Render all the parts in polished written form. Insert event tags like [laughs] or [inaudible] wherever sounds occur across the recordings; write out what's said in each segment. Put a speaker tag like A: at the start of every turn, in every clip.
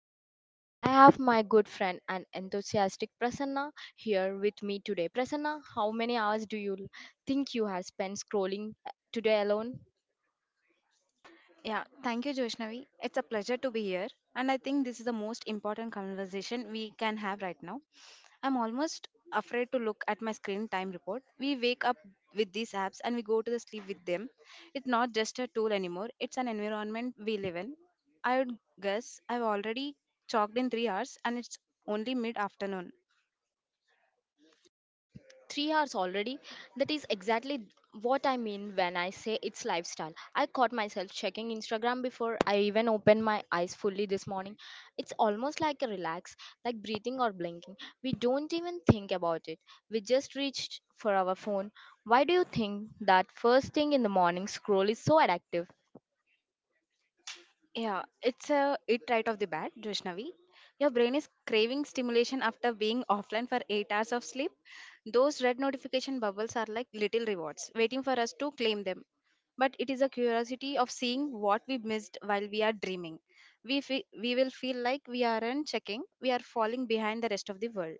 A: our brains. I have my good friend and enthusiastic Prasanna here with me today. Prasanna, how many hours do you think you have spent scrolling today alone?
B: Yeah, thank you, Joshnavi. It's a pleasure to be here. And I think this is the most important conversation we can have right now. I'm almost afraid to look at my screen time report. We wake up with these apps and we go to the sleep with them. It's not just a tool anymore, it's an environment we live in. I would guess I've already chalked in 3 hours and it's only mid afternoon.
A: 3 hours already? That is exactly what I mean when I say it's lifestyle. I caught myself checking Instagram before I even opened my eyes fully this morning. It's almost like a relax, like breathing or blinking. We don't even think about it. We just reach for our phone. Why do you think that first thing in the morning scroll is so addictive?
B: Yeah, it's a it right off the bat, Vaishnavi. Your brain is craving stimulation after being offline for 8 hours of sleep. Those red notification bubbles are like little rewards waiting for us to claim them. But it is a curiosity of seeing what we missed while we are dreaming. We will feel like we aren't checking, we are falling behind the rest of the world.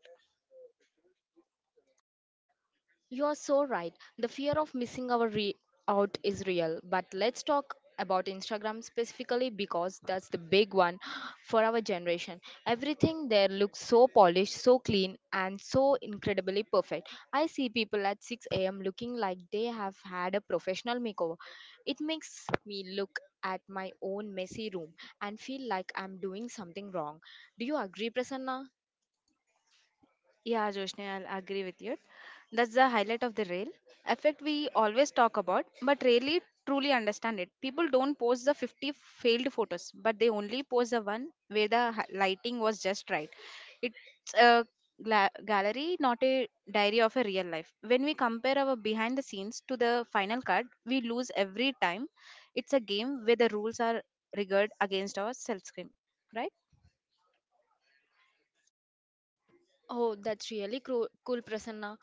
A: You are so right. The fear of missing out is real. But let's talk about Instagram specifically because that's the big one for our generation. Everything there looks so polished, so clean, and so incredibly perfect. I see people at 6 a.m. looking like they have had a professional makeover. It makes me look at my own messy room and feel like I'm doing something wrong. Do you agree, Prasanna?
B: Yeah, Joshni, I'll agree with you. That's the highlight of the rail effect we always talk about, but rarely truly understand it. People don't post the 50 failed photos, but they only post the one where the lighting was just right. It's a gallery, not a diary of a real life. When we compare our behind the scenes to the final cut, we lose every time. It's a game where the rules are rigged against our self-screen, right?
A: Oh, that's really cool, Prasanna.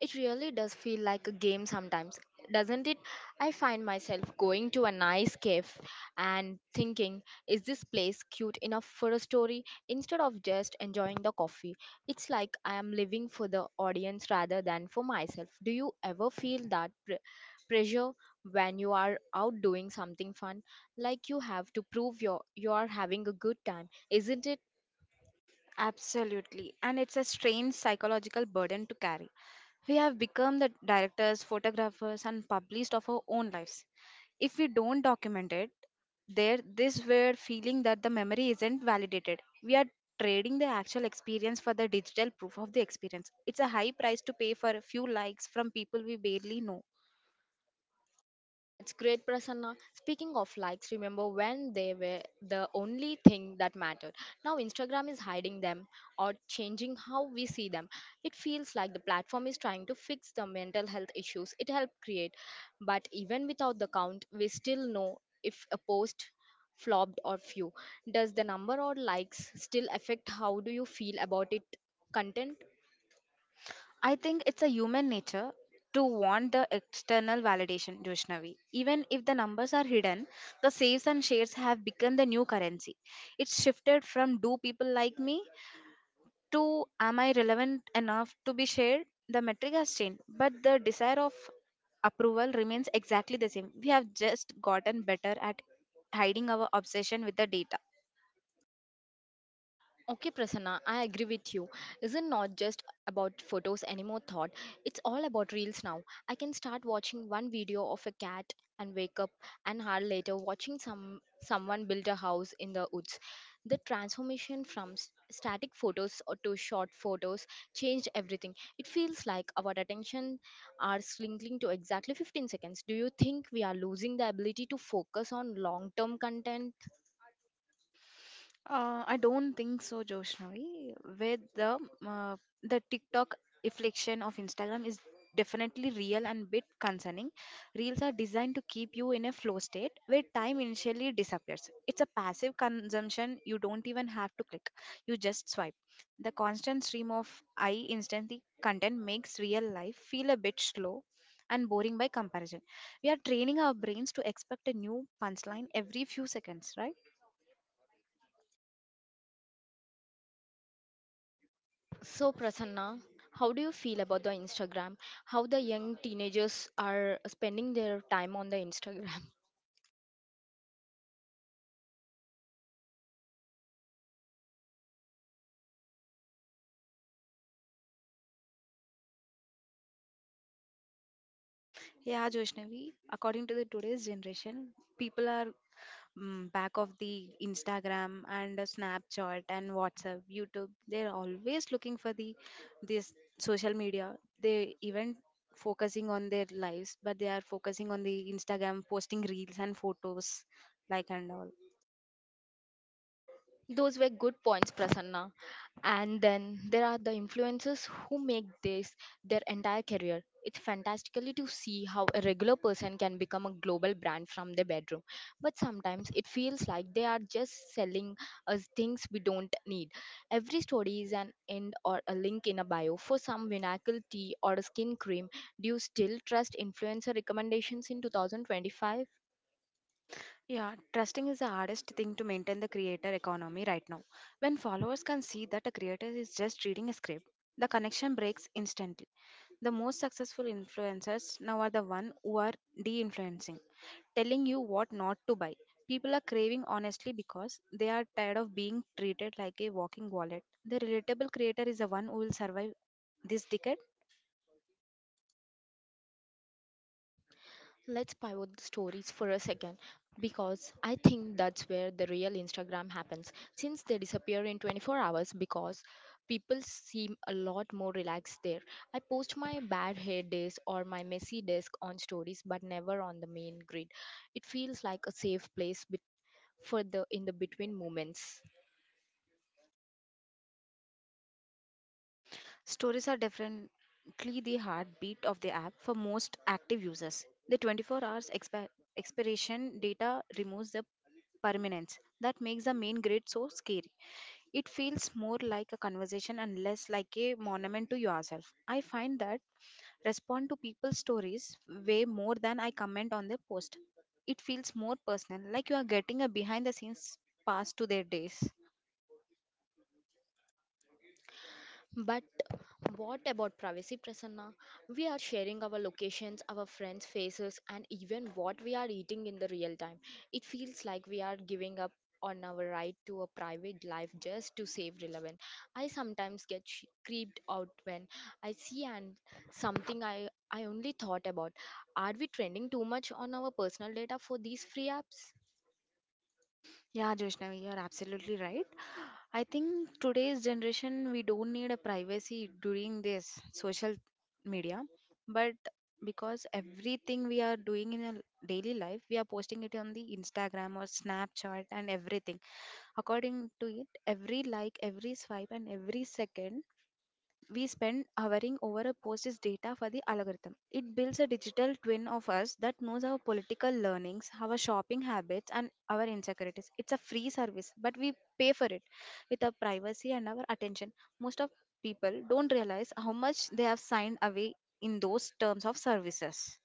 A: It really does feel like a game sometimes, doesn't it? I find myself going to a nice cafe and thinking, is this place cute enough for a story? Instead of just enjoying the coffee, it's like I am living for the audience rather than for myself. Do you ever feel that pressure when you are out doing something fun? Like you have to prove your you are having a good time, isn't it?
B: Absolutely. And it's a strange psychological burden to carry. We have become the directors, photographers, and publicists of our own lives. If we don't document it, there this weird feeling that the memory isn't validated. We are trading the actual experience for the digital proof of the experience. It's a high price to pay for a few likes from people we barely know.
A: That's great, Prasanna. Speaking of likes, remember when they were the only thing that mattered? Now Instagram is hiding them or changing how we see them. It feels like the platform is trying to fix the mental health issues it helped create. But even without the count, we still know if a post flopped or few. Does the number or likes still affect how do you feel about it content?
B: I think it's a human nature to want the external validation, Joshnavi. Even if the numbers are hidden, the saves and shares have become the new currency. It's shifted from do people like me to am I relevant enough to be shared? The metric has changed, but the desire of approval remains exactly the same. We have just gotten better at hiding our obsession with the data.
A: Okay, Prasanna, I agree with you. Isn't not just about photos anymore thought. It's all about reels now. I can start watching one video of a cat and wake up an hour later watching someone build a house in the woods. The transformation from static photos or to short photos changed everything. It feels like our attention are slinking to exactly 15 seconds. Do you think we are losing the ability to focus on long-term content?
B: I don't think so, Joshnavi. Where the TikTok affliction of Instagram is definitely real and bit concerning. Reels are designed to keep you in a flow state where time initially disappears. It's a passive consumption. You don't even have to click. You just swipe. The constant stream of eye instantly content makes real life feel a bit slow and boring by comparison. We are training our brains to expect a new punchline every few seconds, right?
A: So, Prasanna, how do you feel about the Instagram? How the young teenagers are spending their time on the Instagram?
B: Yeah, Joshnavi, according to the today's generation, people are back of the Instagram and Snapchat and WhatsApp, YouTube. They're always looking for the this social media. They even focusing on their lives, but they are focusing on the Instagram, posting reels and photos, like and all.
A: [laughs] Those were good points, Prasanna. And then there are the influencers who make this their entire career. It's fantastically to see how a regular person can become a global brand from their bedroom. But sometimes it feels like they are just selling us things we don't need. Every story is an end or a link in a bio for some miracle tea or a skin cream. Do you still trust influencer recommendations in 2025?
B: Yeah, trusting is the hardest thing to maintain the creator economy right now. When followers can see that a creator is just reading a script, the connection breaks instantly. The most successful influencers now are the one who are de-influencing, telling you what not to buy. People are craving honestly because they are tired of being treated like a walking wallet. The relatable creator is the one who will survive this decade.
A: Let's pivot the stories for a second because I think that's where the real Instagram happens. Since they disappear in 24 hours because people seem a lot more relaxed there. I post my bad hair days or my messy desk on stories but never on the main grid. It feels like a safe place for the in the between moments.
B: Stories are definitely the heartbeat of the app for most active users. The 24 hours expiration data removes the permanence that makes the main grid so scary. It feels more like a conversation and less like a monument to yourself. I find that respond to people's stories way more than I comment on their post. It feels more personal, like you are getting a behind the scenes pass to their days.
A: But what about privacy, Prasanna? We are sharing our locations, our friends' faces, and even what we are eating in the real time. It feels like we are giving up on our right to a private life just to save relevant. I sometimes get creeped out when I see and something I only thought about. Are we trending too much on our personal data for these free apps?
B: Yeah, Joshnavi, you are absolutely right. I think today's generation we don't need a privacy during this social media, but because everything we are doing in our daily life, we are posting it on the Instagram or Snapchat and everything. According to it, every like, every swipe, and every second we spend hovering over a post's data for the algorithm. It builds a digital twin of us that knows our political learnings, our shopping habits, and our insecurities. It's a free service, but we pay for it with our privacy and our attention. Most of people don't realize how much they have signed away in those terms of services.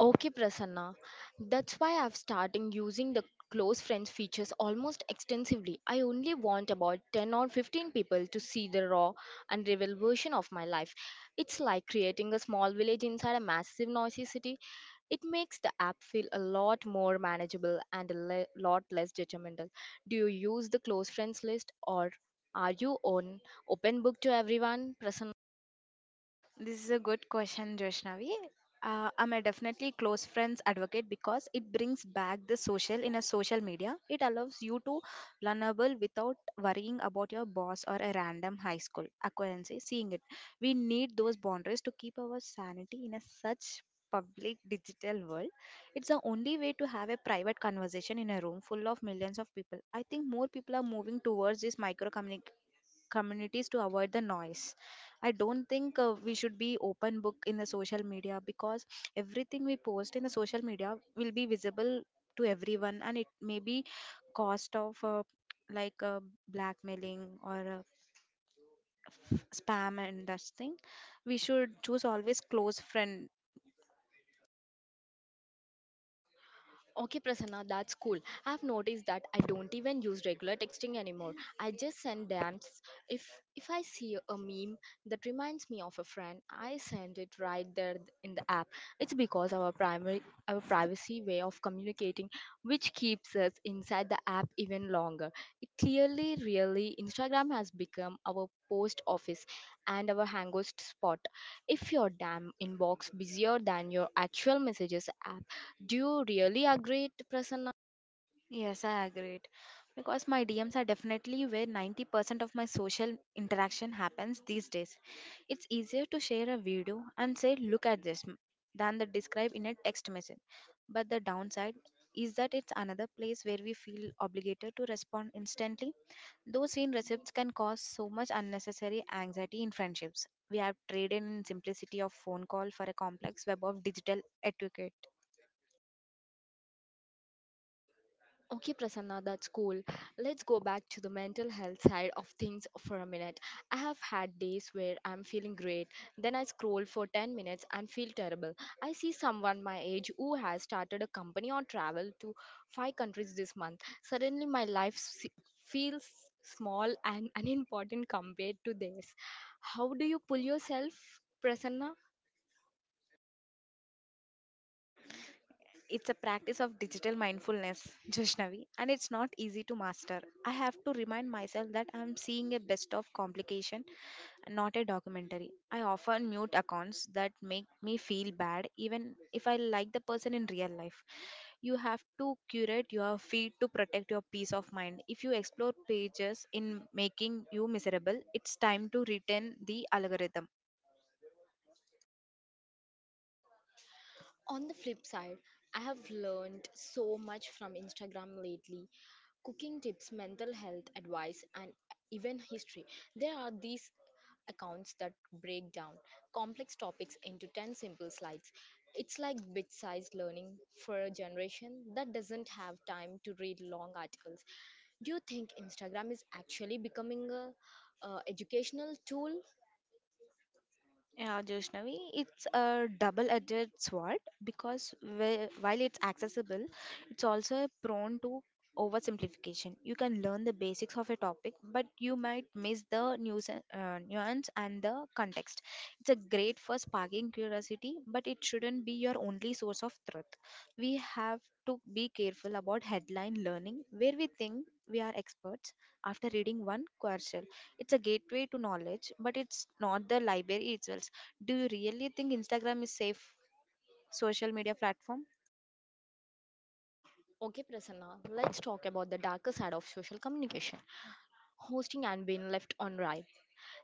A: Okay, Prasanna. That's why I've started using the close friends features almost extensively. I only want about 10 or 15 people to see the raw and real version of my life. It's like creating a small village inside a massive noisy city. It makes the app feel a lot more manageable and a lot less judgmental. Do you use the close friends list or are you on open book to everyone, Prasanna?
B: This is a good question, Joshnavi. I'm a definitely close friends advocate because it brings back the social in a social media. It allows you to learnable without worrying about your boss or a random high school acquaintance seeing it. We need those boundaries to keep our sanity in a such public digital world. It's the only way to have a private conversation in a room full of millions of people. I think more people are moving towards this micro communities to avoid the noise. I don't think we should be open book in the social media, because everything we post in the social media will be visible to everyone and it may be cost of like, blackmailing or spam, and that thing we should choose always close friend.
A: Okay, Prasanna, that's cool. I've noticed that I don't even use regular texting anymore. I just send DMs. If if I see a meme that reminds me of a friend, I send it right there in the app. It's because our primary our privacy way of communicating, which keeps us inside the app even longer. It clearly, really, Instagram has become our post office and our hangout spot. If your damn inbox busier than your actual messages app do you really agree, to Prasanna?
B: Yes, I agree. Because my DMs are definitely where 90% of my social interaction happens these days. It's easier to share a video and say, look at this than the describe in a text message. But the downside is that it's another place where we feel obligated to respond instantly. Those seen receipts can cause so much unnecessary anxiety in friendships. We have traded in simplicity of phone call for a complex web of digital etiquette.
A: Okay, Prasanna, that's cool. Let's go back to the mental health side of things for a minute. I have had days where I'm feeling great, then I scroll for 10 minutes and feel terrible. I see someone my age who has started a company or traveled to 5 countries this month. Suddenly, my feels small and [laughs] unimportant compared to this. How do you pull yourself, Prasanna?
B: It's a practice of digital mindfulness, [laughs] Joshnavi, and it's not easy to master. I have to remind myself that I'm seeing a best of complication, not a documentary. I often mute accounts that make me feel bad, even if I like the person in real life. You have to curate your feed to protect your peace of mind. If you explore pages in making you miserable, it's time to return the algorithm.
A: On the flip side, I have learned so much from Instagram lately cooking tips, mental health advice, and even history. There are these accounts that break down complex topics into 10 simple slides. It's like bit sized learning for a generation that doesn't have time to read long articles. Do you think Instagram is actually becoming a educational tool?
B: Yeah, Joshnavi, it's a double-edged sword because while it's accessible, it's also prone to oversimplification. You can learn the basics of a topic, but you might miss the nuance and the context. It's a great for sparking curiosity, but it shouldn't be your only source of truth. We have to be careful about headline learning, where we think we are experts after reading one quarrel. It's a gateway to knowledge, but it's not the library itself. Do you really think Instagram is safe social media platform?
A: Okay, Prasanna, let's talk about the darker side of social communication. Hosting and been left on right.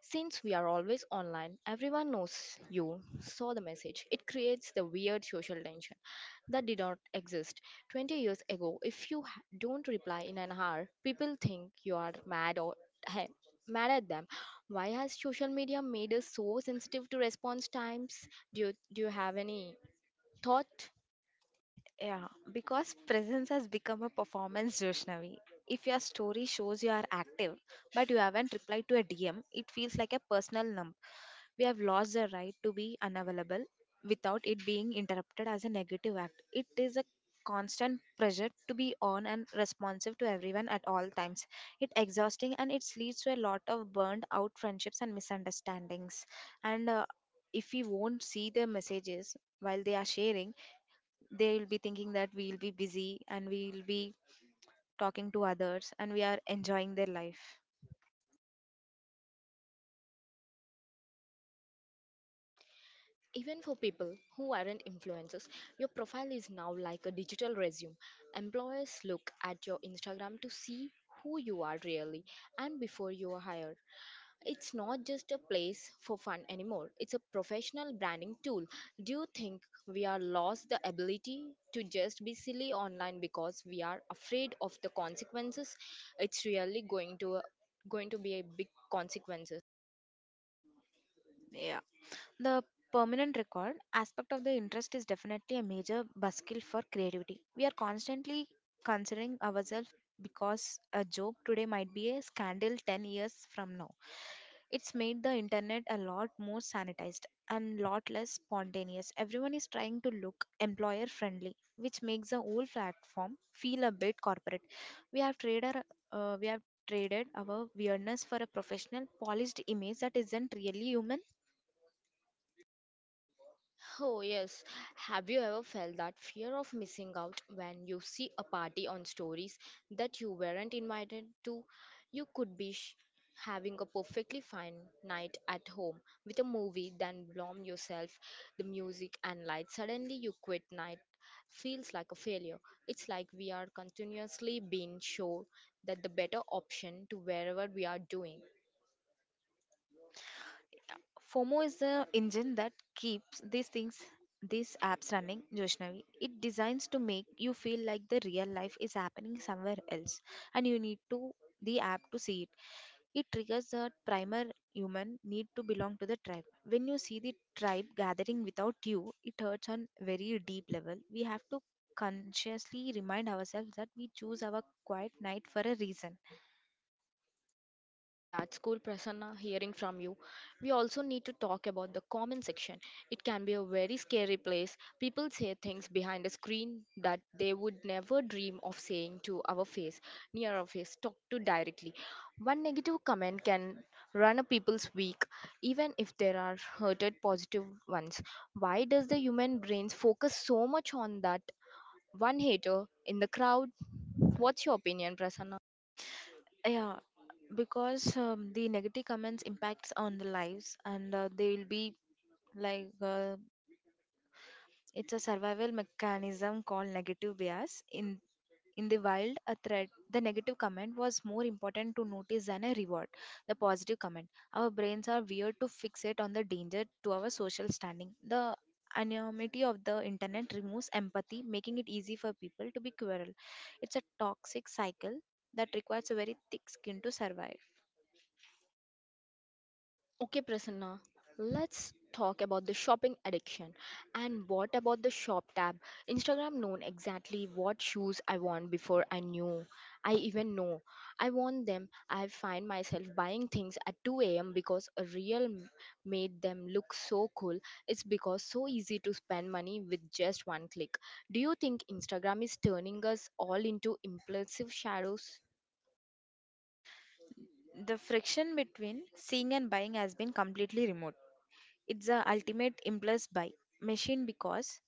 A: Since we are always online, everyone knows you saw the message. It creates the weird social tension that did not exist 20 years ago. If you don't reply in an hour, people think you are mad or he- mad at them. Why has social media made us so sensitive to response times? Do you have any thought?
B: Yeah, because presence has become a performance, Joshnavi. If your story shows you are active, but you haven't replied to a DM, it feels like a personal numb. We have lost the right to be unavailable without it being interrupted as a negative act. It is a constant pressure to be on and responsive to everyone at all times. It exhausting and it leads to a lot of burned out friendships and misunderstandings. And if we won't see the messages while they are sharing, they will be thinking that we'll be busy and we'll be talking to others and we are enjoying their life.
A: Even for people who aren't influencers, your profile is now like a digital resume. Employers look at your Instagram to see who you are really and before you are hired. It's not just a place for fun anymore, it's a professional branding tool. Do you think we are lost the ability to just be silly online because we are afraid of the consequences? It's really going to be a big consequences.
B: The permanent record aspect of the interest is definitely a major buskill for creativity. We are constantly considering ourselves because a joke today might be a scandal 10 years from now. It's made the internet a lot more sanitized and lot less spontaneous. Everyone is trying to look employer friendly, which makes the whole platform feel a bit corporate. We have traded we have traded our weirdness for a professional polished image that isn't really human.
A: Oh, yes. Have you ever felt that fear of missing out when you see a party on stories that you weren't invited to? You could be having a perfectly fine night at home with a movie, then blame yourself, the music, and light. Suddenly, you quit night. Feels like a failure. It's like we are continuously being shown that the better option to wherever we are doing.
B: FOMO is the engine that keeps these things, these apps running, Joshnavi. It designs to make you feel like the real life is happening somewhere else and you need to the app to see it. It triggers the primal human need to belong to the tribe. When you see the tribe gathering without you, it hurts on very deep level. We have to consciously remind ourselves that we choose our quiet night for a reason.
A: Love that school, Prasanna, hearing from you. We also need to talk about the comment section. It can be a very scary place. People say things behind a screen that they would never dream of saying to our face, near our face, talk to directly. One negative comment can run a people's week, even if there are hurted positive ones. Why does the human brains focus so much on that one hater in the crowd? What's your opinion, Prasanna?
B: Yeah, because the negative comments impacts on the lives and they will be, like, it's a survival mechanism called negative bias in the wild. A threat, the negative comment, was more important to notice than a reward, the positive comment. Our brains are weird to fixate on the danger to our social standing. The anonymity of the internet removes empathy, making it easy for people to be cruel. It's a toxic cycle that requires a very thick skin to survive.
A: Okay, Prasanna, let's talk about the shopping addiction. And what about the shop tab? Instagram known exactly what shoes I want before I knew. I even know. I want them. I find myself buying things at 2 a.m. because a made them look so cool. It's because so easy to spend money with just one click. Do you think Instagram is turning us all into impulsive shadows?
B: The friction between seeing and buying has been completely removed. It's the ultimate impulse buy machine because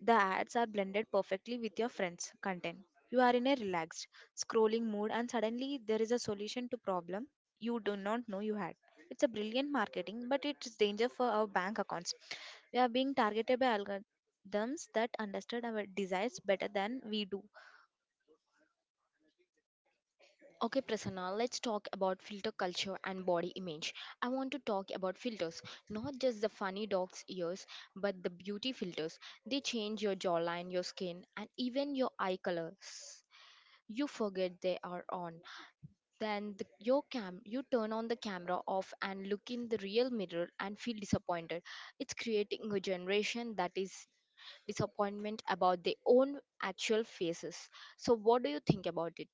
B: the ads are blended perfectly with your friends' content. You are in a relaxed, scrolling mood, and suddenly there is a solution to problem you do not know you had. It's a brilliant marketing, but it's danger for our bank accounts. We are being targeted by algorithms that understand our desires better than we do.
A: Okay, Prasanna, let's talk about filter culture and body image. I want to talk about filters, not just the funny dog's ears, but the beauty filters. They change your jawline, your skin, and even your eye colors. You forget they are on. Then your cam, you turn on the camera off and look in the real mirror and feel disappointed. It's creating a generation that is disappointment about their own actual faces. So, what do you think about it?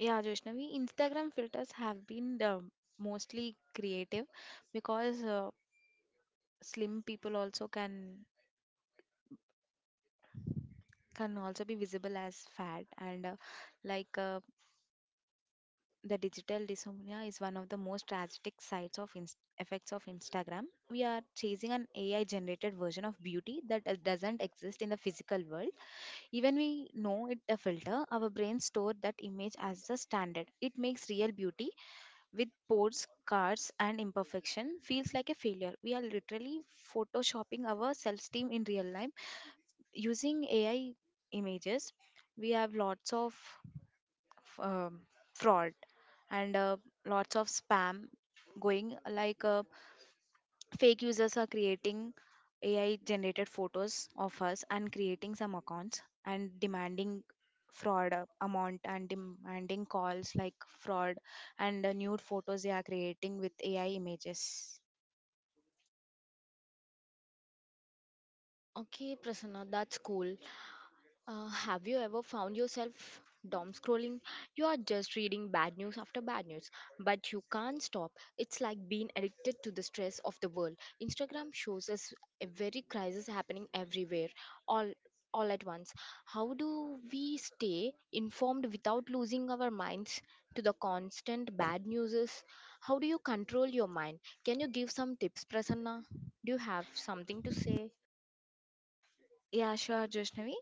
B: Yeah, Joshnavi, Instagram filters have been the mostly creative because slim people also can also be visible as fat and like uh, the digital dysmorphia is one of the most tragic sides of effects of Instagram. We are chasing an AI generated version of beauty that doesn't exist in the physical world. Even we know it a filter, our brains store that image as the standard. It makes real beauty with ports, cards, and imperfection feels like a failure. We are literally photoshopping our self esteem in real life using AI images. We have lots of um, fraud and lots of spam going like fake users are creating AI generated photos of us and creating some accounts and demanding fraud amount and demanding calls like fraud and nude photos they are creating with AI images.
A: Okay, Prasanna, that's cool. Have you ever found yourself doom scrolling? You are just reading bad news after bad news, but you can't stop. It's like being addicted to the stress of the world. Instagram shows us a very crisis happening everywhere, all all at once. How do we stay informed without losing our minds to the constant bad news? How do you control your mind? Can you give some tips, Prasanna? Do you have something to say?
B: Yeah, sure, Joshnavi.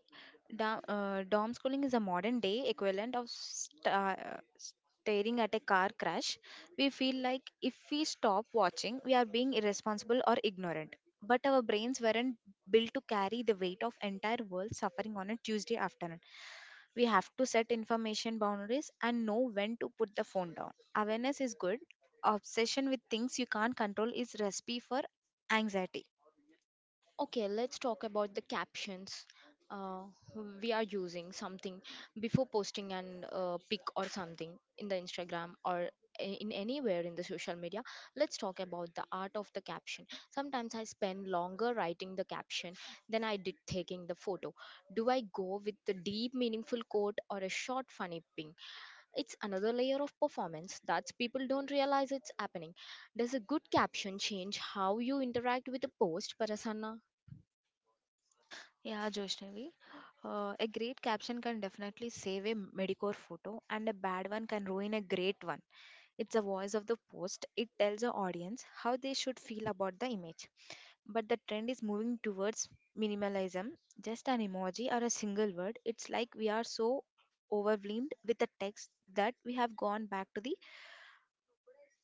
B: Dom schooling is a modern day equivalent of staring at a car crash. We feel like if we stop watching, we are being irresponsible or ignorant. But our brains weren't built to carry the weight of entire world suffering on a Tuesday afternoon. We have to set information boundaries and know when to put the phone down. Awareness is good. Obsession with things you can't control is recipe for anxiety.
A: Okay, let's talk about the captions. Uh, we are using something before posting an pic or something in the Instagram or in anywhere in the social media. Let's talk about the art of the caption. Sometimes I spend longer writing the caption than I did taking the photo. Do I go with the deep, meaningful quote or a short, funny ping? It's another layer of performance that people don't realize it's happening. Does a good caption change how you interact with a post, Parasana?
B: Yeah, Joshnavi. A great caption can definitely save a Medicore photo, and a bad one can ruin a great one. It's the voice of the post. It tells the audience how they should feel about the image. But the trend is moving towards minimalism. Just an emoji or a single word. It's like we are so overwhelmed with the text that we have gone back to the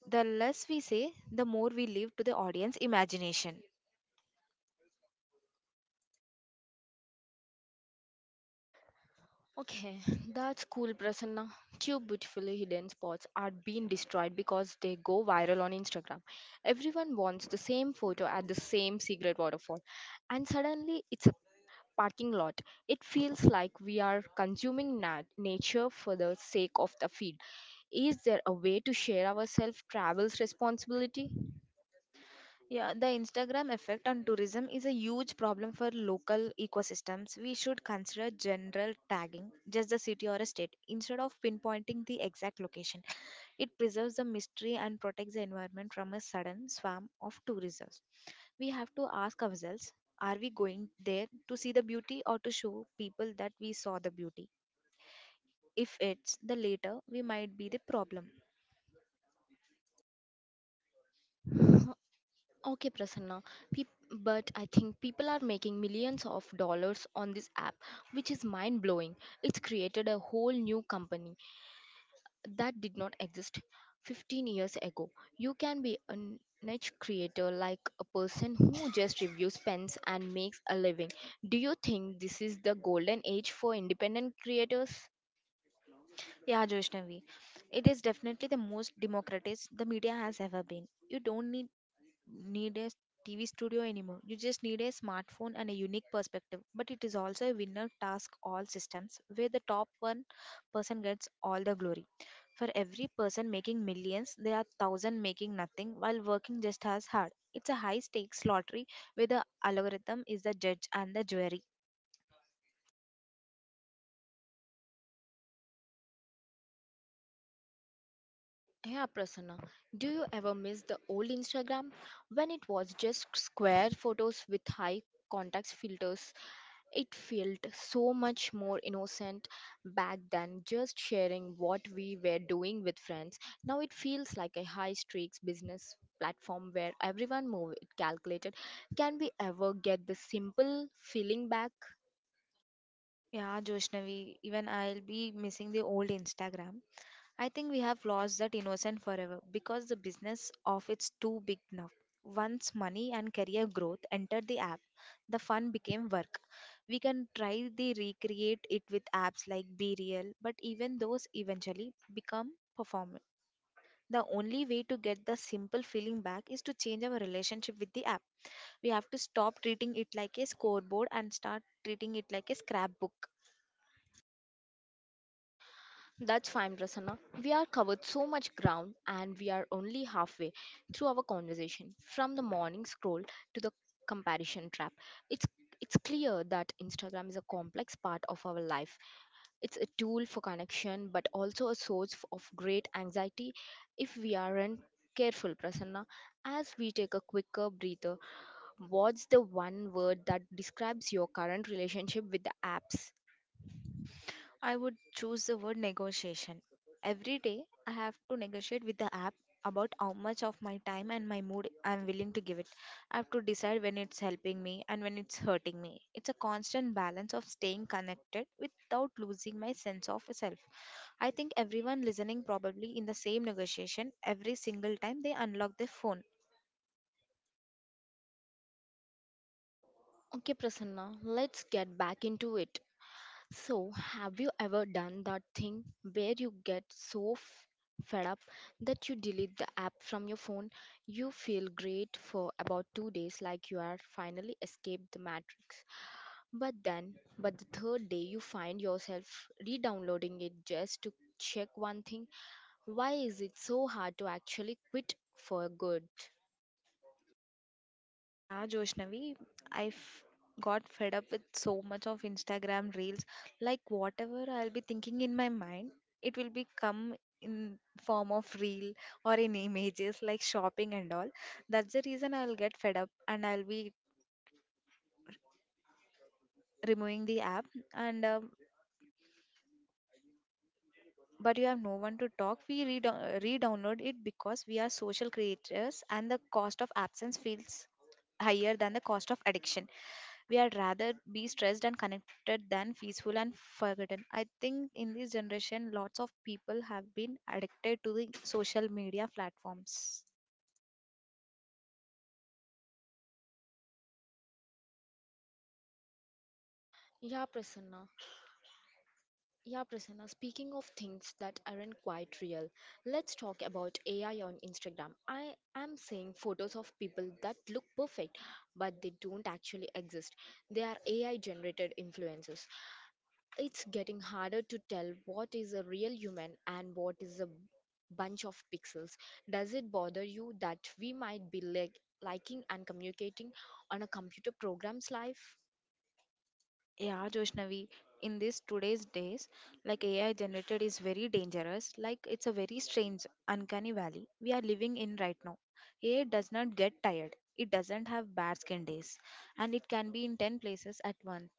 B: the less we say, the more we leave to the audience imagination.
A: Okay, that's cool, Prasanna. Two beautifully hidden spots are being destroyed because they go viral on Instagram. Everyone wants the same photo at the same secret waterfall, and suddenly it's a parking lot. It feels like we are consuming nature for the sake of the feed. Is there a way to share ourselves travels responsibility?
B: Yeah, the Instagram effect on tourism is a huge problem for local ecosystems. We should consider general tagging, just the city or a state, instead of pinpointing the exact location. It preserves the mystery and protects the environment from a sudden swarm of tourists. We have to ask ourselves, are we going there to see the beauty or to show people that we saw the beauty? If it's the latter, we might be the problem.
A: Okay, Prasanna, peop- but I think people are making millions of dollars on this app, which is mind blowing. It's created a whole new company that did not exist 15 years ago. You can be a niche creator like a person who just reviews pens and makes a living. Do you think this is the golden age for independent creators?
B: Yeah, Joishnavi, it is definitely the most democratic the media has ever been. You don't need a TV studio anymore. You just need a smartphone and a unique perspective. But it is also a winner task all systems where the top 1% gets all the glory. For every person making millions, there are 1,000 making nothing while working just as hard. It's a high stakes lottery where the algorithm is the judge and the jury.
A: Yeah, Prasanna, do you ever miss the old Instagram when it was just square photos with high context filters? It felt so much more innocent back then, just sharing what we were doing with friends. Now it feels like a high stakes business platform where everyone move it calculated. Can we ever get the simple feeling back?
B: Yeah, Joshnavi, even I'll be missing the old Instagram. I think we have lost that innocence forever because the business of it's too big now. Once money and career growth entered the app, the fun became work. We can try to recreate it with apps like Be Real, but even those eventually become performant. The only way to get the simple feeling back is to change our relationship with the app. We have to stop treating it like a scoreboard and start treating it like a scrapbook.
A: That's fine, Prasanna. We are covered so much ground and we are only halfway through our conversation. From the morning scroll to the comparison trap. It's it's clear that Instagram is a complex part of our life. It's a tool for connection, but also a source of great anxiety if we aren't careful, Prasanna. As we take a quicker breather, what's the one word that describes your current relationship with the apps?
B: I would choose the word negotiation. Every day, I have to negotiate with the app about how much of my time and my mood I'm willing to give it. I have to decide when it's helping me and when it's hurting me. It's a constant balance of staying connected without losing my sense of self. I think everyone listening probably in the same negotiation every single time they unlock their phone.
A: Okay, Prasanna, let's get back into it. So, have you ever done that thing where you get so fed up that you delete the app from your phone? You feel great for about 2 days, like you are finally escaped the matrix. But then, but the third day, you find yourself re-downloading it just to check one thing. Why is it so hard to actually quit for good?
B: Yeah, Joshnavi, I've got fed up with so much of Instagram reels. Like whatever I'll be thinking in my mind, it will be come in form of reel or in images like shopping and all. That's the reason I'll get fed up and I'll be removing the app. And but you have no one to talk. We re re-download it because we are social creators and the cost of absence feels higher than the cost of addiction. We are rather be stressed and connected than peaceful and forgotten. I think in this generation, lots of people have been addicted to the social media platforms.
A: Yeah, Prasanna. Yeah, Prasanna. Speaking of things that aren't quite real, let's talk about AI on Instagram. I am seeing photos of people that look perfect, but they don't actually exist. They are AI generated influencers. It's getting harder to tell what is a real human and what is a bunch of pixels. Does it bother you that we might be like liking and communicating on a computer program's life?
B: Yeah, Joshnavi, in this today's days, like AI generated is very dangerous. Like it's a very strange, uncanny valley we are living in right now. AI does not get tired. It doesn't have bad skin days, and it can be in 10 places at once.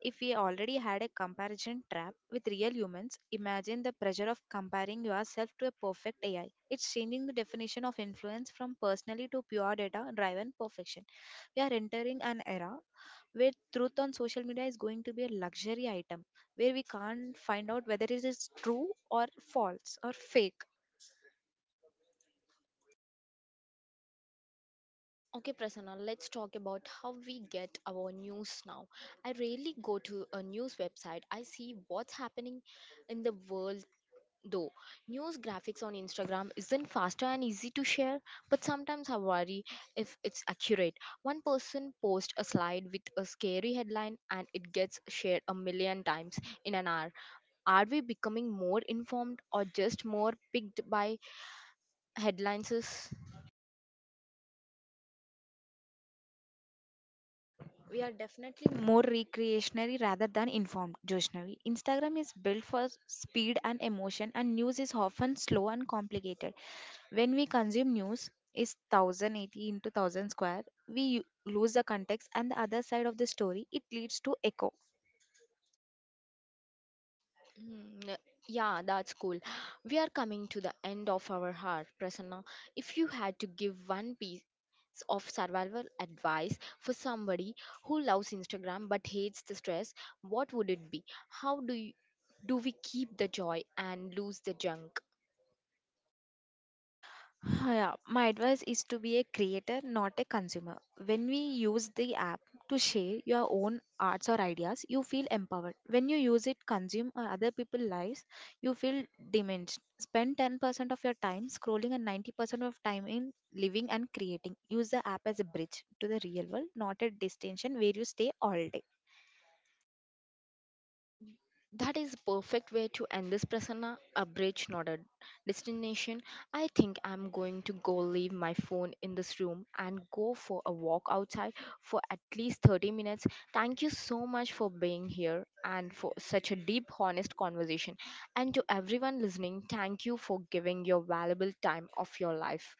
B: If we already had a comparison trap with real humans, imagine the pressure of comparing yourself to a perfect AI. It's changing the definition of influence from personally to pure data driven perfection. We are entering an era where truth on social media is going to be a luxury item, where we can't find out whether it is true or false or fake.
A: Okay, Prasanna, let's talk about how we get our news now. I rarely go to a news website. I see what's happening in the world. Though news graphics on Instagram isn't faster and easy to share, but sometimes I worry if it's accurate. One person posts a slide with a scary headline and it gets shared a million times in an hour. Are we becoming more informed or just more picked by headlines?
B: We are definitely more recreationary rather than informed, Joshnavi. Instagram is built for speed and emotion, and news is often slow and complicated. When we consume news, is 1080 into 1,000 square, we lose the context and the other side of the story. It leads to echo.
A: Hmm, uh, Yeah, that's cool. We are coming to the end of our hour, Prasanna. If you had to give one piece of survival advice for somebody who loves Instagram but hates the stress, what would it be? How do you, do we keep the joy and lose the junk?
B: Yeah, my advice is to be a creator, not a consumer. When we use the app to share your own arts or ideas, you feel empowered. When you use it, consume or other people's lives, you feel diminished. Spend 10% of your time scrolling and 90% of time in living and creating. Use the app as a bridge to the real world, not a destination where you stay all day.
A: Mm. That is perfect way to end this Prasanna. A bridge, not a destination. I think I'm going to go leave my phone in this room and go for a walk outside for at least 30 minutes. Thank you so much for being here and for such a deep, honest conversation. And to everyone listening, thank you for giving your valuable time of your life.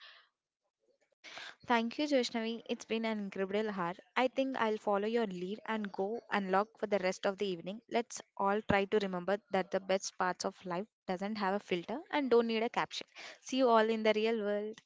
B: Thank you, Joshnavi. It's been an incredible hour. I think I'll follow your lead and go unlock for the rest of the evening. Let's all try to remember that the best parts of life doesn't have a filter and don't need a caption. See you all in the real world.